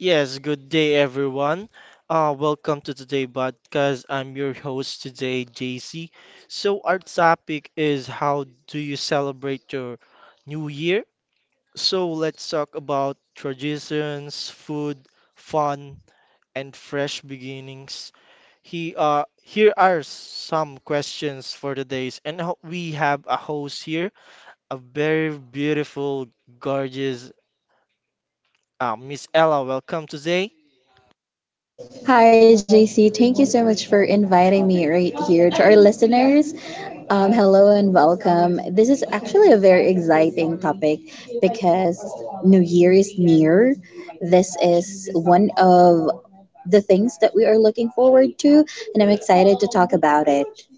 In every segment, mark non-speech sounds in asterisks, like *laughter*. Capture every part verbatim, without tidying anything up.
Yes, good day, everyone. Uh, welcome to today podcast. I'm your host today, J C. So our topic is, how do you celebrate your new year? So let's talk about traditions, food, fun, and fresh beginnings. He uh Here are some questions for today's and ho- we have a host here, a very beautiful, gorgeous, uh, Miss Ella. Welcome today. Hi, J C. Thank you so much for inviting me right here to our listeners. Um, hello and welcome. This is actually a very exciting topic because New Year is near. This is one of the things that we are looking forward to, and I'm excited to talk about it.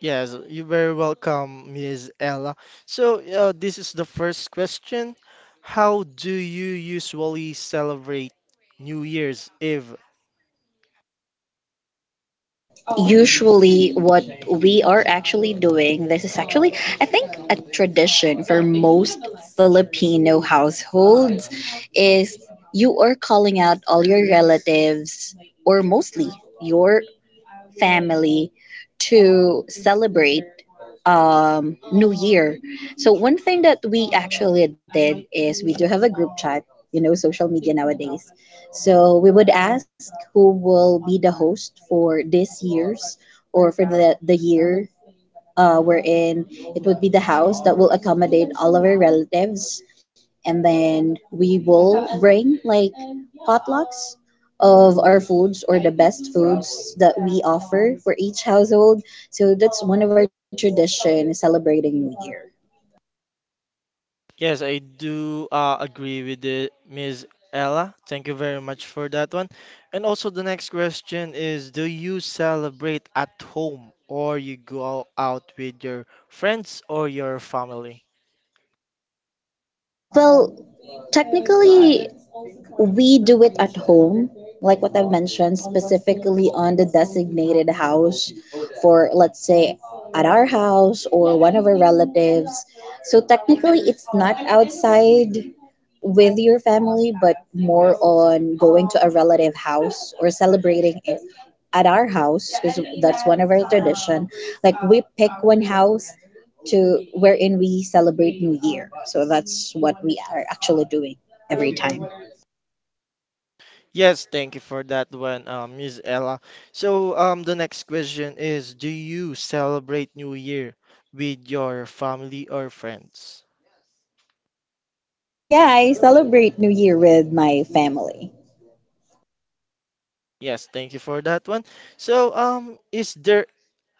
Yes, you're very welcome, Miss Ella. So, uh, this is the first question. How do you usually celebrate New Year's Eve? Well, usually what we are actually doing, this is actually, I think, a tradition for most Filipino households, is you are calling out all your relatives, or mostly your family to celebrate um, New Year. So one thing that we actually did is we do have a group chat, you know, social media nowadays. So we would ask who will be the host for this year's or for the, the year uh, wherein it would be the house that will accommodate all of our relatives. And then we will bring like potlucks of our foods or the best foods that we offer for each household. So that's one of our tradition celebrating New Year. Yes, I do uh, agree with the Miss Ella. Thank you very much for that one. And also, the next question is, do you celebrate at home or you go out with your friends or your family? Well, technically, we do it at home, like what I've mentioned, specifically on the designated house for, let's say, at our house or one of our relatives. So technically, it's not outside with your family, but more on going to a relative house or celebrating it at our house because that's one of our tradition. Like we pick one house to wherein we celebrate New Year. So that's what we are actually doing every time. Yes, thank you for that one, um, Miss Ella. So, um, the next question is, do you celebrate New Year with your family or friends? Yeah, I celebrate New Year with my family. Yes, thank you for that one. So, um, is there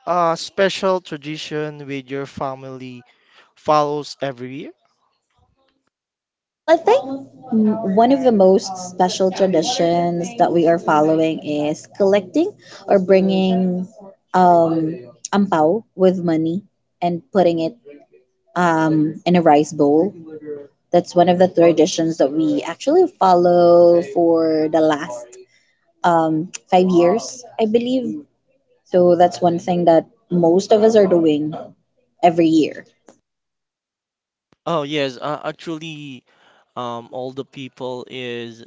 a special tradition with your family follows every year? Well, I think m- one of the most special traditions that we are following is collecting or bringing um, ampao with money and putting it um, in a rice bowl. That's one of the traditions that we actually follow for the last um, five years, I believe. So that's one thing that most of us are doing every year. Oh yes, uh, actually, um, all the people is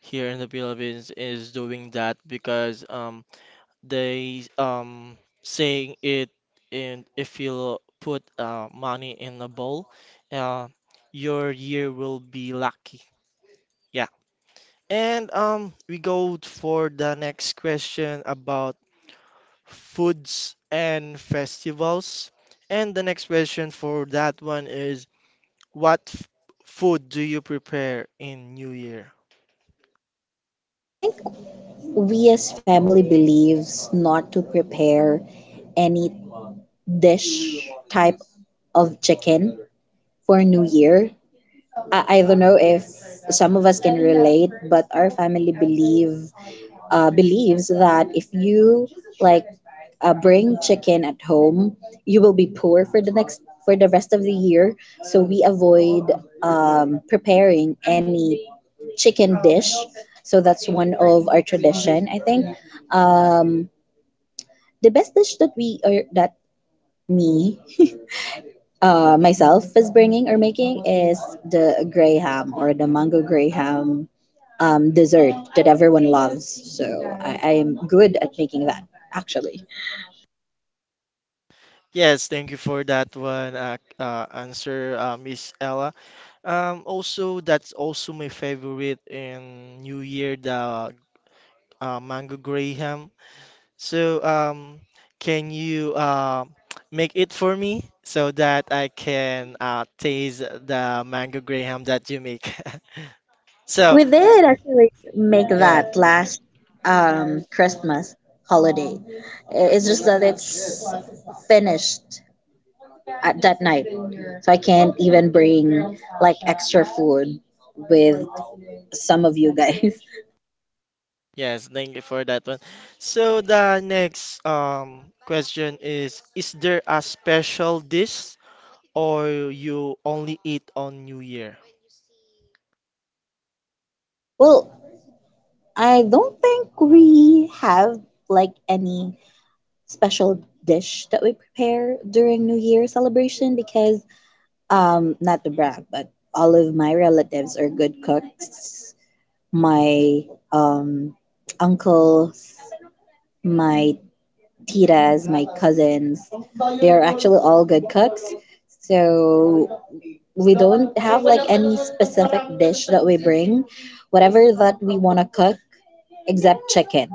here in the Philippines is doing that because um, they um saying it, and if you put uh, money in a bowl, uh, your year will be lucky, yeah. And um we go for the next question about foods and festivals. And the next question for that one is, what f- food do you prepare in new year? I think we as family believes not to prepare any dish type of chicken for new year. I, I don't know if some of us can relate, but our family believe uh, believes that if you like uh, bring chicken at home, you will be poor for the next for the rest of the year. So we avoid um, preparing any chicken dish. So that's one of our tradition. I think um, the best dish that we or that me *laughs* uh, myself is bringing or making is the gray ham or the mango gray ham um, dessert that everyone loves. So I, I am good at making that actually. Yes, thank you for that one uh, uh, answer, uh, Miss Ella. Um, also, that's also my favorite in New Year, the uh, mango graham. So, um, can you uh, *tsk* make it for me so that I can uh, taste the mango graham that you make? *laughs* So, We did actually make yeah, that last um, Christmas holiday. I- It's just that it's finished at that night, so I can't even bring like extra food with some of you guys. *laughs* yes, thank you for that one. So, the next um, question is: Is there a special dish or you only eat on New Year? Well, I don't think we have like any special dish that we prepare during New Year celebration because um not to brag, but all of my relatives are good cooks. My um uncles, my titas, my cousins, they are actually all good cooks. So we don't have like any specific dish that we bring. Whatever that we want to cook except chicken.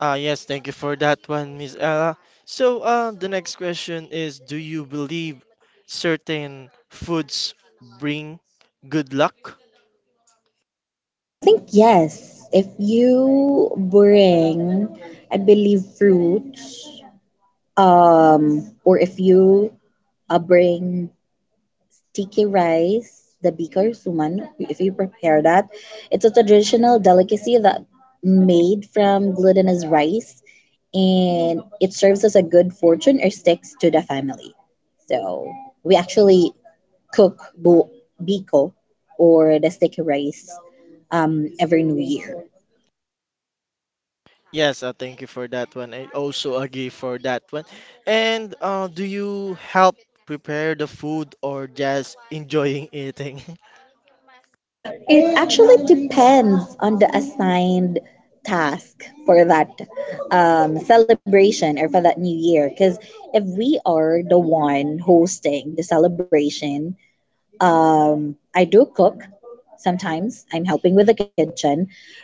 Ah, yes, thank you for that one, Miss Ella. So, uh, the next question is, do you believe certain foods bring good luck? I think yes. If you bring, I believe, fruits, um, or if you uh, bring sticky rice, the bikar suman, if you prepare that. It's a traditional delicacy that made from glutinous rice and it serves as a good fortune or sticks to the family. So we actually cook bu- biko or the sticky rice um, every new year. Yes, uh, thank you for that one. I also agree for that one. And uh, do you help prepare the food or just enjoying eating? *laughs* It actually depends on the assigned task for that um, celebration or for that new year. Because if we are the one hosting the celebration, I do cook sometimes, I'm helping with the kitchen.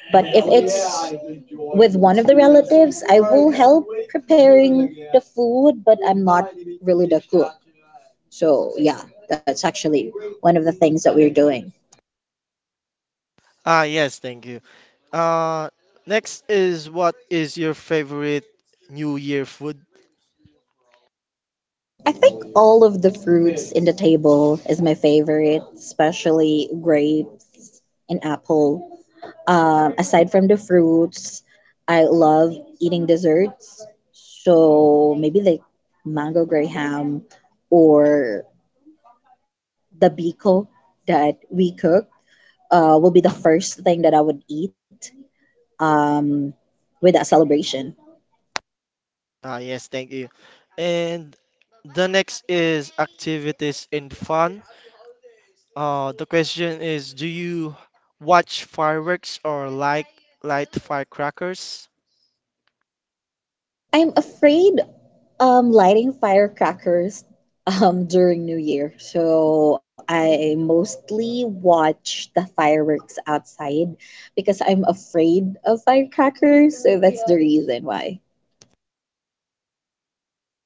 But if it's with one of the relatives, I will help preparing the food, but I'm not really the cook. So, yeah, that's actually one of the things that we're doing. Ah, yes, thank you. Uh, Next is, what is your favorite New Year food? I think all of the fruits in the table is my favorite, especially grape and apple. Um, aside from the fruits, I love eating desserts. So maybe like mango graham or the biko that we cook uh, will be the first thing that I would eat with that celebration. Ah, yes, thank you. And the next is activities and fun. Uh, the question is, do you watch fireworks or like light firecrackers? I'm afraid um lighting firecrackers um during New Year. So I mostly watch the fireworks outside because I'm afraid of firecrackers, so that's the reason why.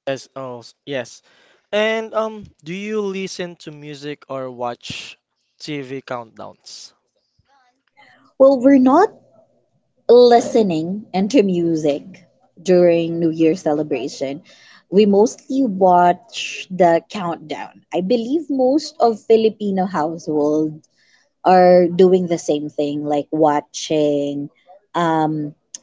Yes, oh, s- yes. And um, do you listen to music or watch T V countdowns? Well, we're not listening into music during New Year celebration. We mostly watch the countdown. I believe most of Filipino households are doing the same thing, like watching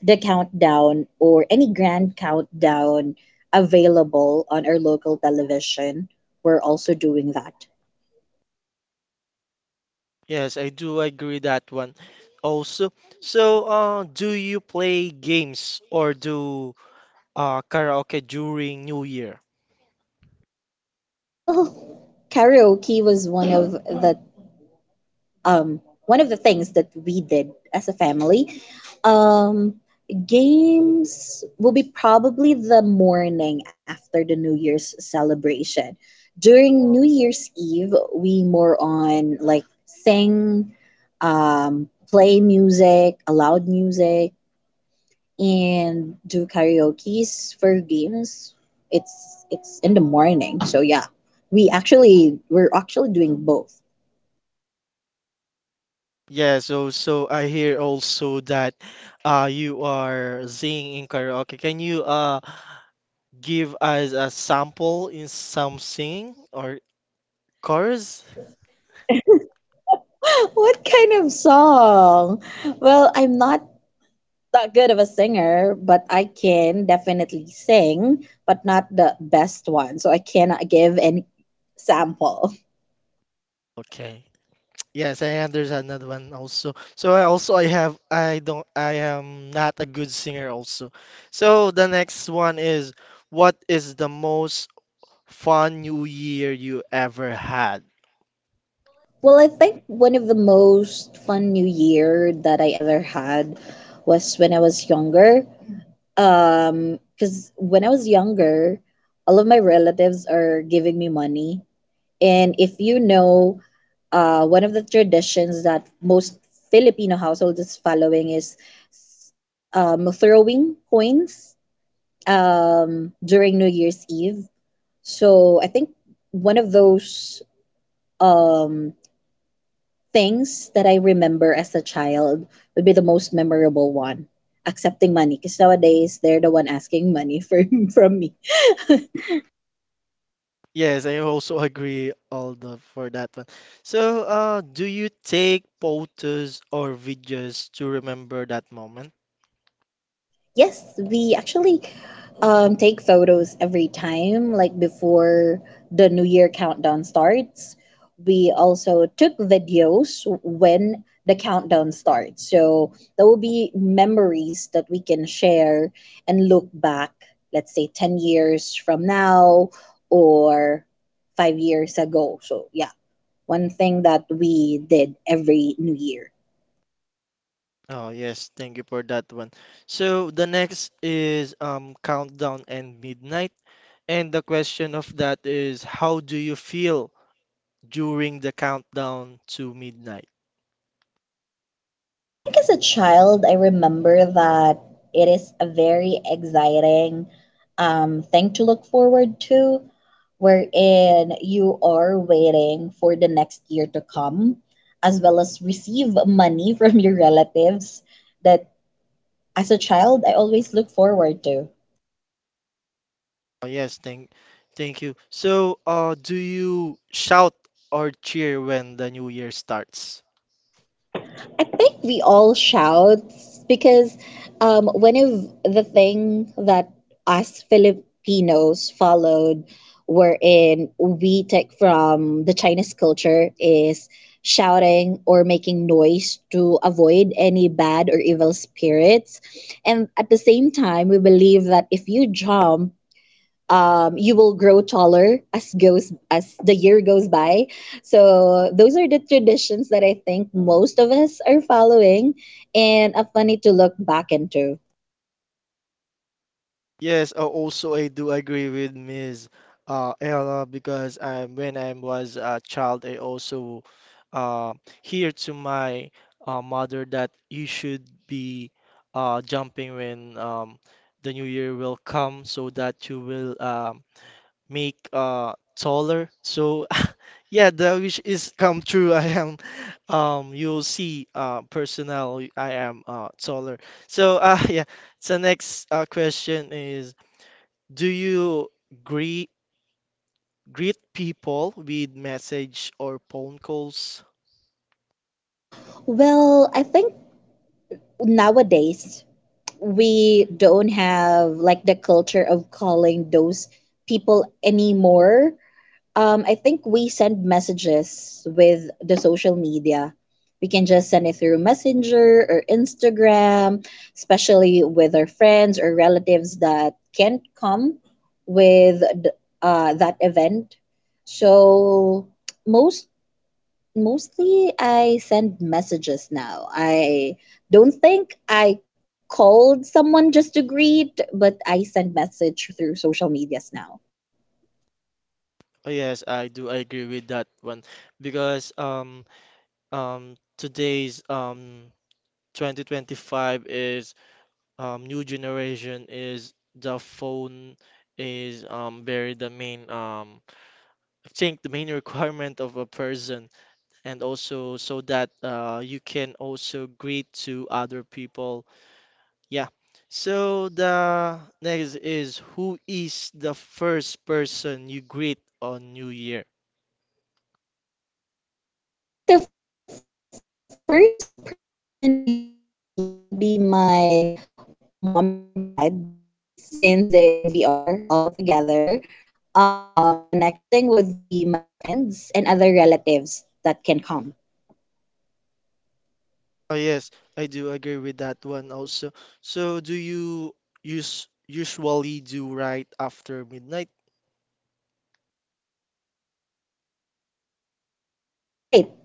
the countdown or any grand countdown available on our local television, we're also doing that. Yes, I do agree that one also. So, uh, do you play games or do uh, karaoke during New Year? Well, karaoke was one of the um, one of the things that we did as a family, um, games will be probably the morning after the New Year's celebration. During New Year's Eve, we more on like sing, um, play music, loud music, and do karaoke's for games. It's it's in the morning, so yeah. We actually we're actually doing both. Yeah, so so I hear also that uh you are singing in karaoke. Can you uh give us a sample in some singing or chorus? What kind of song? Well, I'm not that good of a singer, but I can definitely sing, but not the best one. So I cannot give any sample. Okay. Yes, I understand that one also. So I also I have I don't I am not a good singer also. So the next one is, what is the most fun new year you ever had? Well, I think one of the most fun New Year that I ever had was when I was younger. Um, because when I was younger, all of my relatives are giving me money. And if you know uh, one of the traditions that most Filipino households is following is um, throwing coins um, during New Year's Eve. So I think one of those um, things that I remember as a child would be the most memorable one. Accepting money, because nowadays they're the one asking money for, *laughs* from me. Yes, I also agree all the for that one. So, uh, do you take photos or videos to remember that moment? Yes, we actually um, take photos every time, like before the New Year countdown starts. We also took videos when the countdown starts. So there will be memories that we can share and look back, let's say ten years from now or five years ago. So, yeah, one thing that we did every New Year. Oh, yes, thank you for that one. So the next is um countdown and midnight. And the question of that is, how do you feel during the countdown to midnight? I think as a child, I remember that it is a very exciting um, thing to look forward to, wherein you are waiting for the next year to come, as well as receive money *laughs* from your relatives that as a child, I always look forward to. Oh, yes, thank thank you. So, uh, do you shout or cheer when the new year starts? I think we all shout because um, one of the thing that us Filipinos followed, wherein we take from the Chinese culture, is shouting or making noise to avoid any bad or evil spirits. And at the same time, we believe that if you jump um, you will grow taller as goes as the year goes by. So those are the traditions that I think most of us are following, and are funny to look back into. Yes, uh, also I do agree with Miss Uh, Ella, because I, when I was a child, I also uh, hear to my uh, mother that you should be uh, jumping when um, the new year will come so that you will um, make uh, taller. So *laughs* yeah, the wish is come true. *laughs* I am um, you'll see uh, personnel. I am uh, taller. So uh, *laughs* yeah. So next uh, question is. Do you greet greet people with message or phone calls? Well, I think nowadays we don't have like the culture of calling those people anymore. Um, I think we send messages with the social media. We can just send it through Messenger or Instagram, especially with our friends or relatives that can't come with th- uh, that event. So most mostly I send messages now. I don't think I called someone just to greet, but I send message through social medias now. Oh, yes, I do agree with that one because um um today's um twenty twenty-five is um new generation is the phone is um very the main um I think the main *laughs* requirement of a person, and also so that uh you can also greet to other people. Yeah. So the next is, who is the first person you greet on New Year? Well, I think the first person I greet would be my mom and dad, since they we are all together. Um, the next thing would be my friends and other relatives that can come. Oh yes, I do agree with that one also. So, do you use usually do right after midnight? Right? Yeah.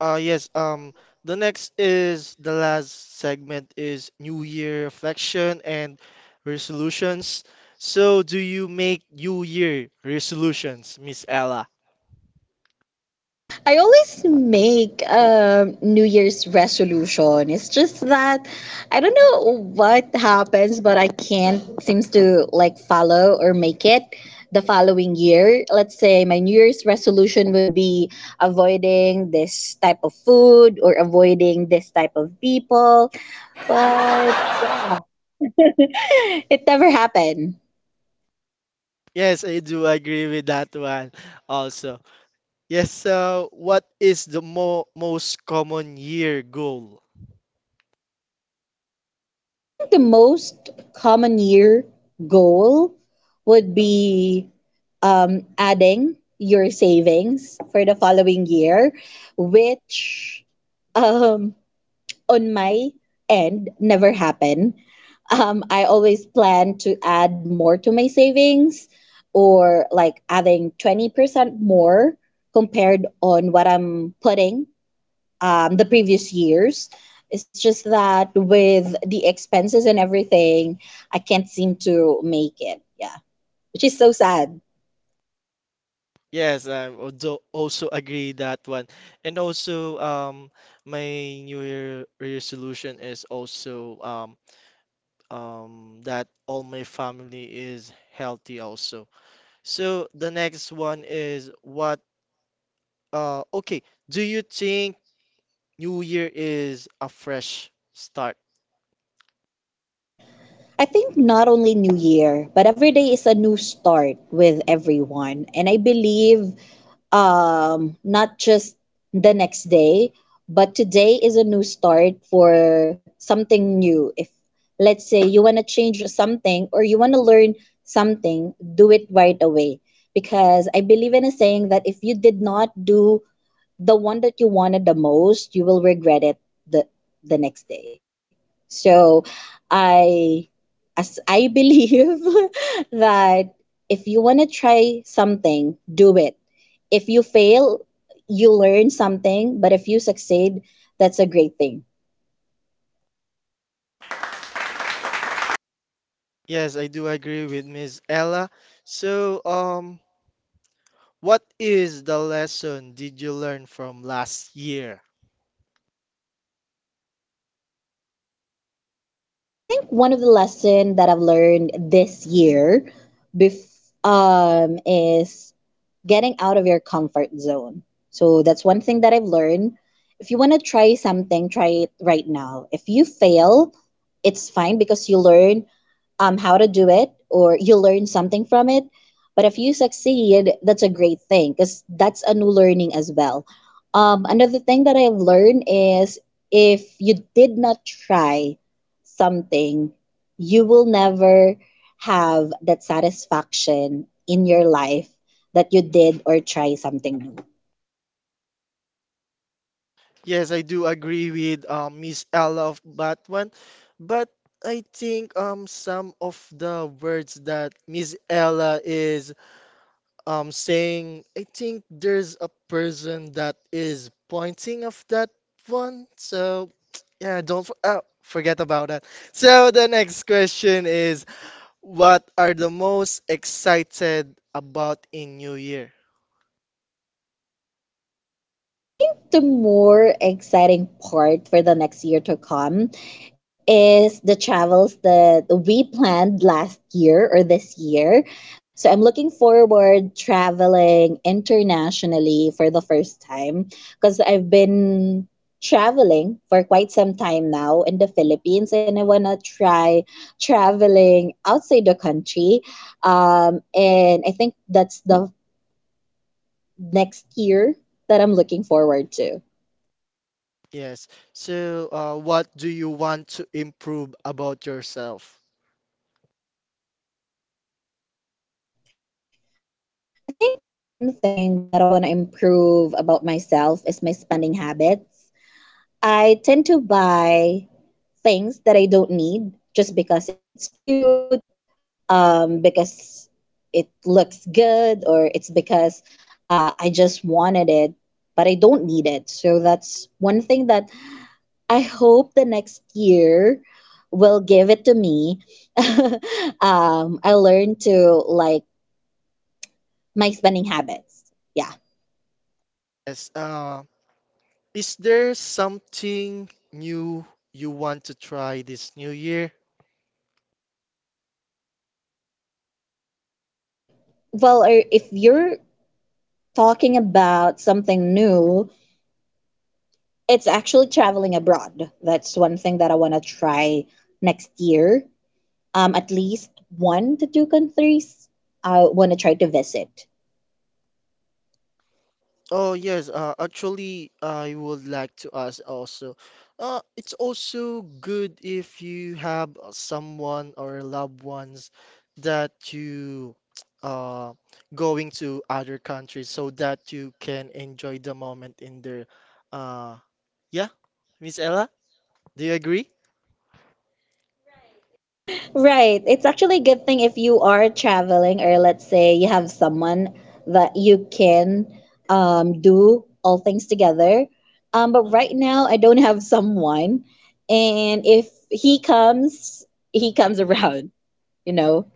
Uh yes, um the next is the last segment is New Year reflection and resolutions. So do you make New Year resolutions, Miss Ella? I always make a New Year's resolution. It's just that I don't know what happens, but I can't seems to like follow or make it the following year. Let's say my New Year's resolution would be avoiding this type of food or avoiding this type of people, but it never happened. Yes, I do agree with that one also. Yes, so what is the mo most common year goal? I think the most common year goal would be um, adding your savings for the following year, which um, on my end never happened. Um, I always plan to add more to my savings or like adding twenty percent more compared on what I'm putting um, the previous years. It's just that with the expenses and everything, I can't seem to make it. Yeah. Which is so sad. Yes, I also also agree that one. And also, um, my New Year resolution is also um, um, that all my family is healthy also. So the next one is what, uh, okay, do you think New Year is a fresh start? I think not only New Year, but every day is a new start with everyone. And I believe um, not just the next day, but today is a new start for something new. If, let's say, you want to change something or you want to learn something, do it right away. Because I believe in a saying that if you did not do the one that you wanted the most, you will regret it the, the next day. So I as I believe *laughs* that if you want to try something, do it. If you fail, you learn something, but if you succeed, that's a great thing. Yes, I do agree with Miss Ella. So, um, what is the lesson did you learn from last year? I think one of the lesson that I've learned this year bef- um, is getting out of your comfort zone. So that's one thing that I've learned. If you want to try something, try it right now. If you fail, it's fine because you learn um, how to do it or you learn something from it. But if you succeed, that's a great thing because that's a new learning as well. Um, another thing that I've learned is if you did not try, something, you will never have that satisfaction in your life that you did or try something new. Yes, I do agree with um, Miss Ella of Batman, but I think um some of the words that Miss Ella is um saying, I think there's a person that is pointing of that one. So *tsk* yeah, don't f- uh, forget about that. So the next question is, what are the most excited about in New Year? I think the more exciting part for the next year to come is the travels that we planned last year or this year. So I'm looking forward traveling internationally for the first time because I've been traveling for quite some time now in the Philippines and I want to try traveling outside the country. Um, and I think that's the next year that I'm looking forward to. Yes. So, uh, what do you want to improve about yourself? I think one thing that I want to improve about myself is my spending habits. I tend to buy things that I don't need just because it's cute, um, because it looks good, or it's because uh, I just wanted it, but I don't need it. So that's one thing that I hope the next year will give it to me. *laughs* um, I learned to like my spending habits. Yeah. Yes. Uh, is there something new you want to try this new year? Well, or if you're talking about something new, it's actually traveling abroad. That's one thing that I want to try next year. Um, at least one to two countries I want to try to visit. Oh yes, uh, actually, I would like to ask also. Uh, it's also good if you have uh, someone or loved ones that you *tsk* uh going to other countries so that you can enjoy the moment in there. Uh, yeah, Miss Ella, do you agree? Right. It's actually a good thing if you are traveling, or let's say you have someone that you can um, do all things together. Um, but right now, I don't have someone. And if he comes, he comes *laughs* around, you know?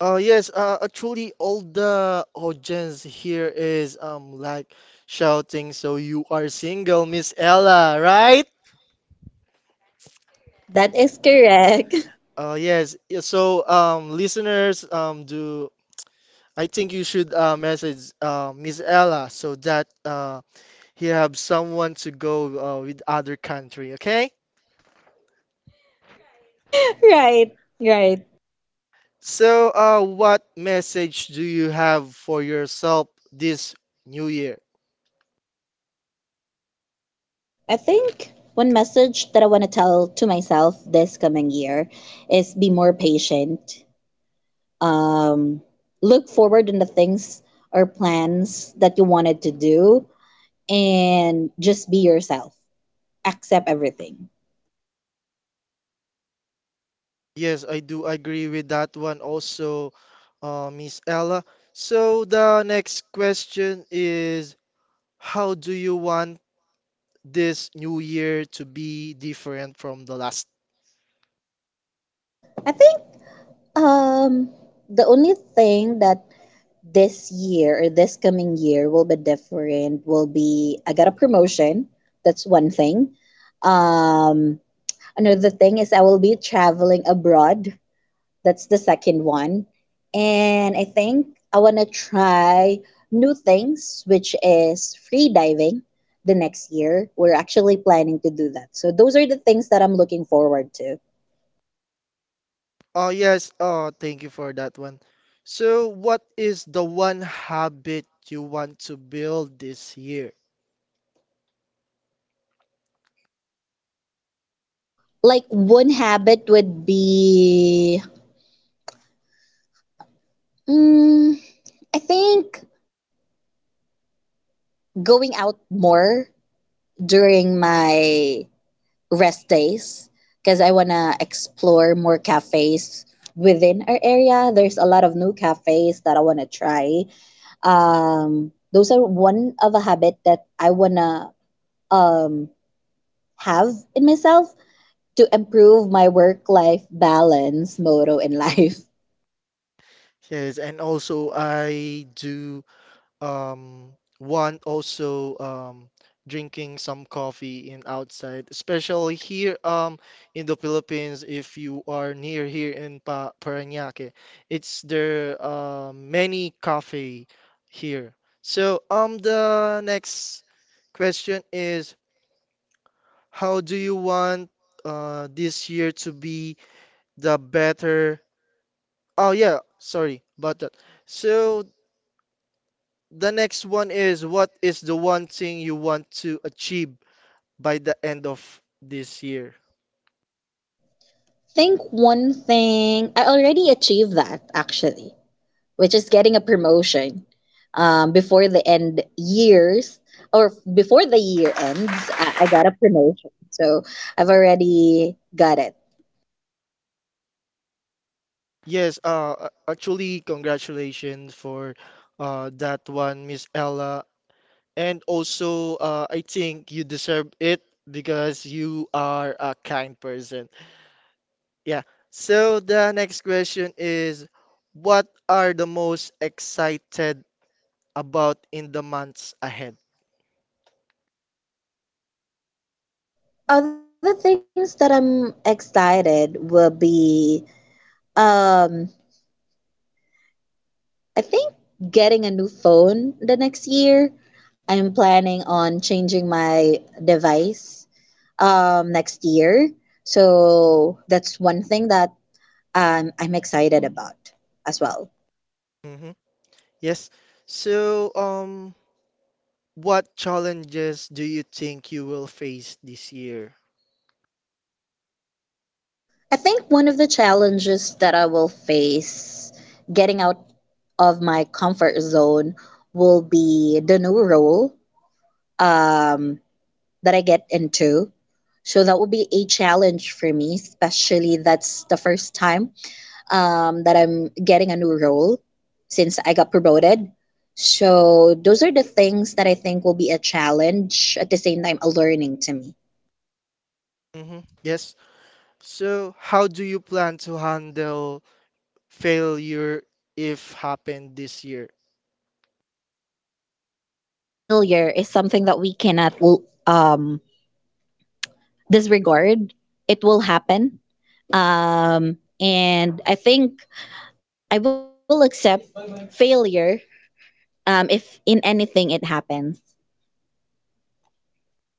Uh, yes, uh, actually, all the audience here is um like shouting, so you are single, Miss Ella, right? That is correct. *laughs* Uh, yes, yeah. So, um, listeners, um, do I think you should uh, message uh, Miss Ella so that uh, he have someone to go uh, with other country. Okay. Right, right. So, uh, what message do you have for yourself this new year? I think one message that I want to tell to myself this coming year is be more patient. Um, Look forward in the things or plans that you wanted to do and just be yourself. Accept everything. Yes, I do agree with that one also, uh, Miss Ella. So the next question is, how do you want this new year to be different from the last? I think um, the only thing that this year or this coming year will be different will be I got a promotion. That's one thing. um Another thing is I will be traveling abroad. That's the second one. And I think I want to try new things, which is free diving. The next year we're actually planning to do that, so those are the things that I'm looking forward to. Oh, yes. Oh, thank you for that one. So, what is the one habit you want to build this year? Like one habit would be mm, I think going out more during my rest days because I want to explore more cafes within our area. There's a lot of new cafes that I want to try. Um, those are one of a habit that I want to um, have in myself to improve my work life balance motto in life. *laughs* Yes, and also I do um want also um drinking some coffee in outside, especially here um in the Philippines if you are near here in pa Parañaque. It's there uh, many cafe here. So, um the next question is, how do you want uh, this year to be the better? Oh, yeah, sorry about that. So, the next one is, what is the one thing you want to achieve by the end of this year? Think one thing, I already achieved that actually, which is getting a promotion um, before the end years or before the year ends. I, I got a promotion, so I've already got it. Yes, uh, a- actually, congratulations for uh, that one, Miss Ella. And also, uh, I think you deserve it because you are a kind person. Yeah. So the next question is, what are the most excited about in the months ahead? Other things that I'm excited will be um, I think getting a new phone the next year. I'm planning on changing my device um, next year. So that's one thing that um, I'm excited about as well. Hmm. Yes. So, um, what challenges do you think you will face this year? I think one of the challenges that I will face getting out of my comfort zone will be the new role um, that I get into. So that will be a challenge for me, especially that's the first time um, that I'm getting a new role since I got promoted. So those are the things that I think will be a challenge at the same time a learning to me. Hmm. Yes. So, how do you plan to handle failure if happened this year? I think failure is something that we cannot um, disregard. It will happen. Um, and I think I will accept failure um, if in anything it happens.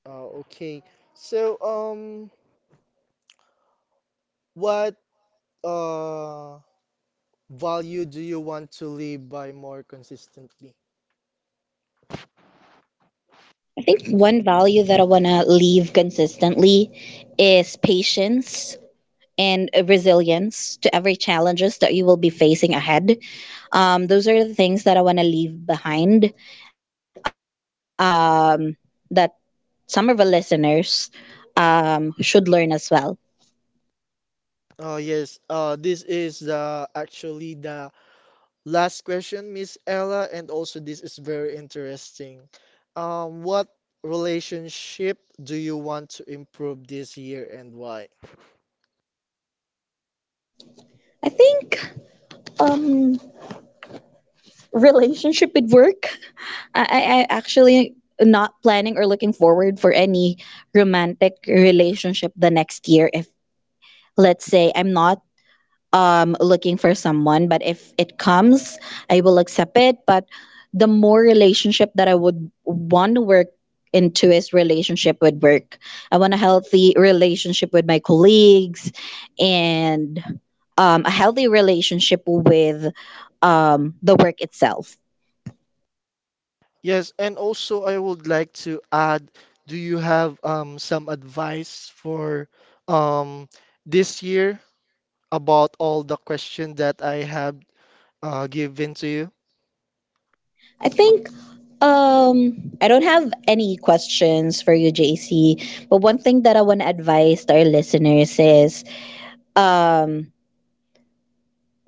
Uh, okay. So, um, what uh value do you want to live by more consistently? I think one value that I want to leave consistently is patience and resilience to every challenges that you will be facing ahead. Um, those are the things that I want to leave behind that some of our listeners um, should learn as well. Oh yes, uh, this is the actually the last question, Miss Ella, and also this is very interesting. Um, what relationship do you want to improve this year and why? I think um, relationship with work. I, I I actually not planning or looking forward for any romantic relationship the next year. If let's say I'm not um, looking for someone, but if it comes I will accept it, but the more relationship that I would want to work into is relationship with work. I want a healthy relationship with my colleagues and um, a healthy relationship with um, the work itself. Yes, and also I would like to add, do you have um some advice for um this year about all the question that I have uh given to you? I think um I don't have any questions for you, J C. But one thing that I want to advise to our listeners is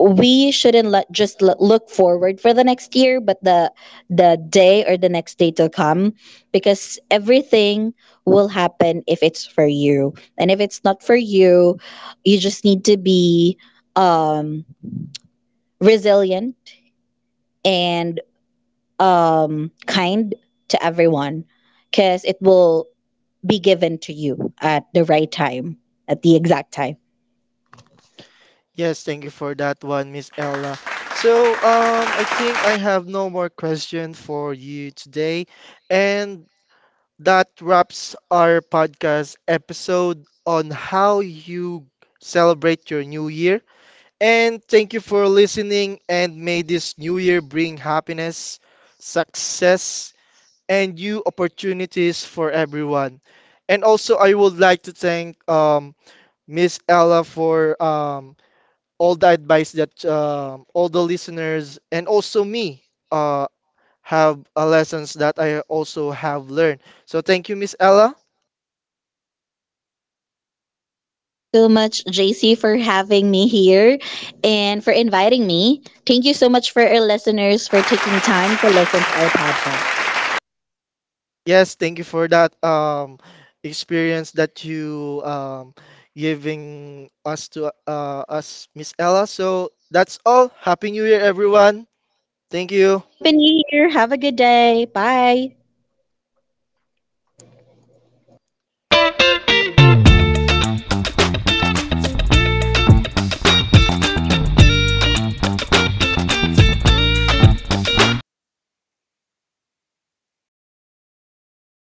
we shouldn't let just l- look forward for the next year, but the the day or the next day to come, because everything will happen if it's for you, and if it's not for you, you just need to be resilient and kind to everyone, because it will be given to you at the right time, at the exact time. Yes, thank you for that one, Miss Ella. So, um, I think I have no more question for you today, and that wraps our podcast episode on how you celebrate your new year. And thank you for listening, and may this new year bring happiness, success, and new opportunities for everyone. And also, I would like to thank um Miss Ella for um all the advice that um, all the listeners and also me uh, have uh, lessons that I also have learned. So thank you, Miss Ella. Thank you so much, J C, for having me here and for inviting me. Thank you so much for our listeners for taking time to listen to our podcast. Yes, thank you for that um, experience that you um, giving us to uh, us, Miss Ella. So that's all. Happy New Year, everyone. Thank you. Happy New Year. Have a good day. Bye.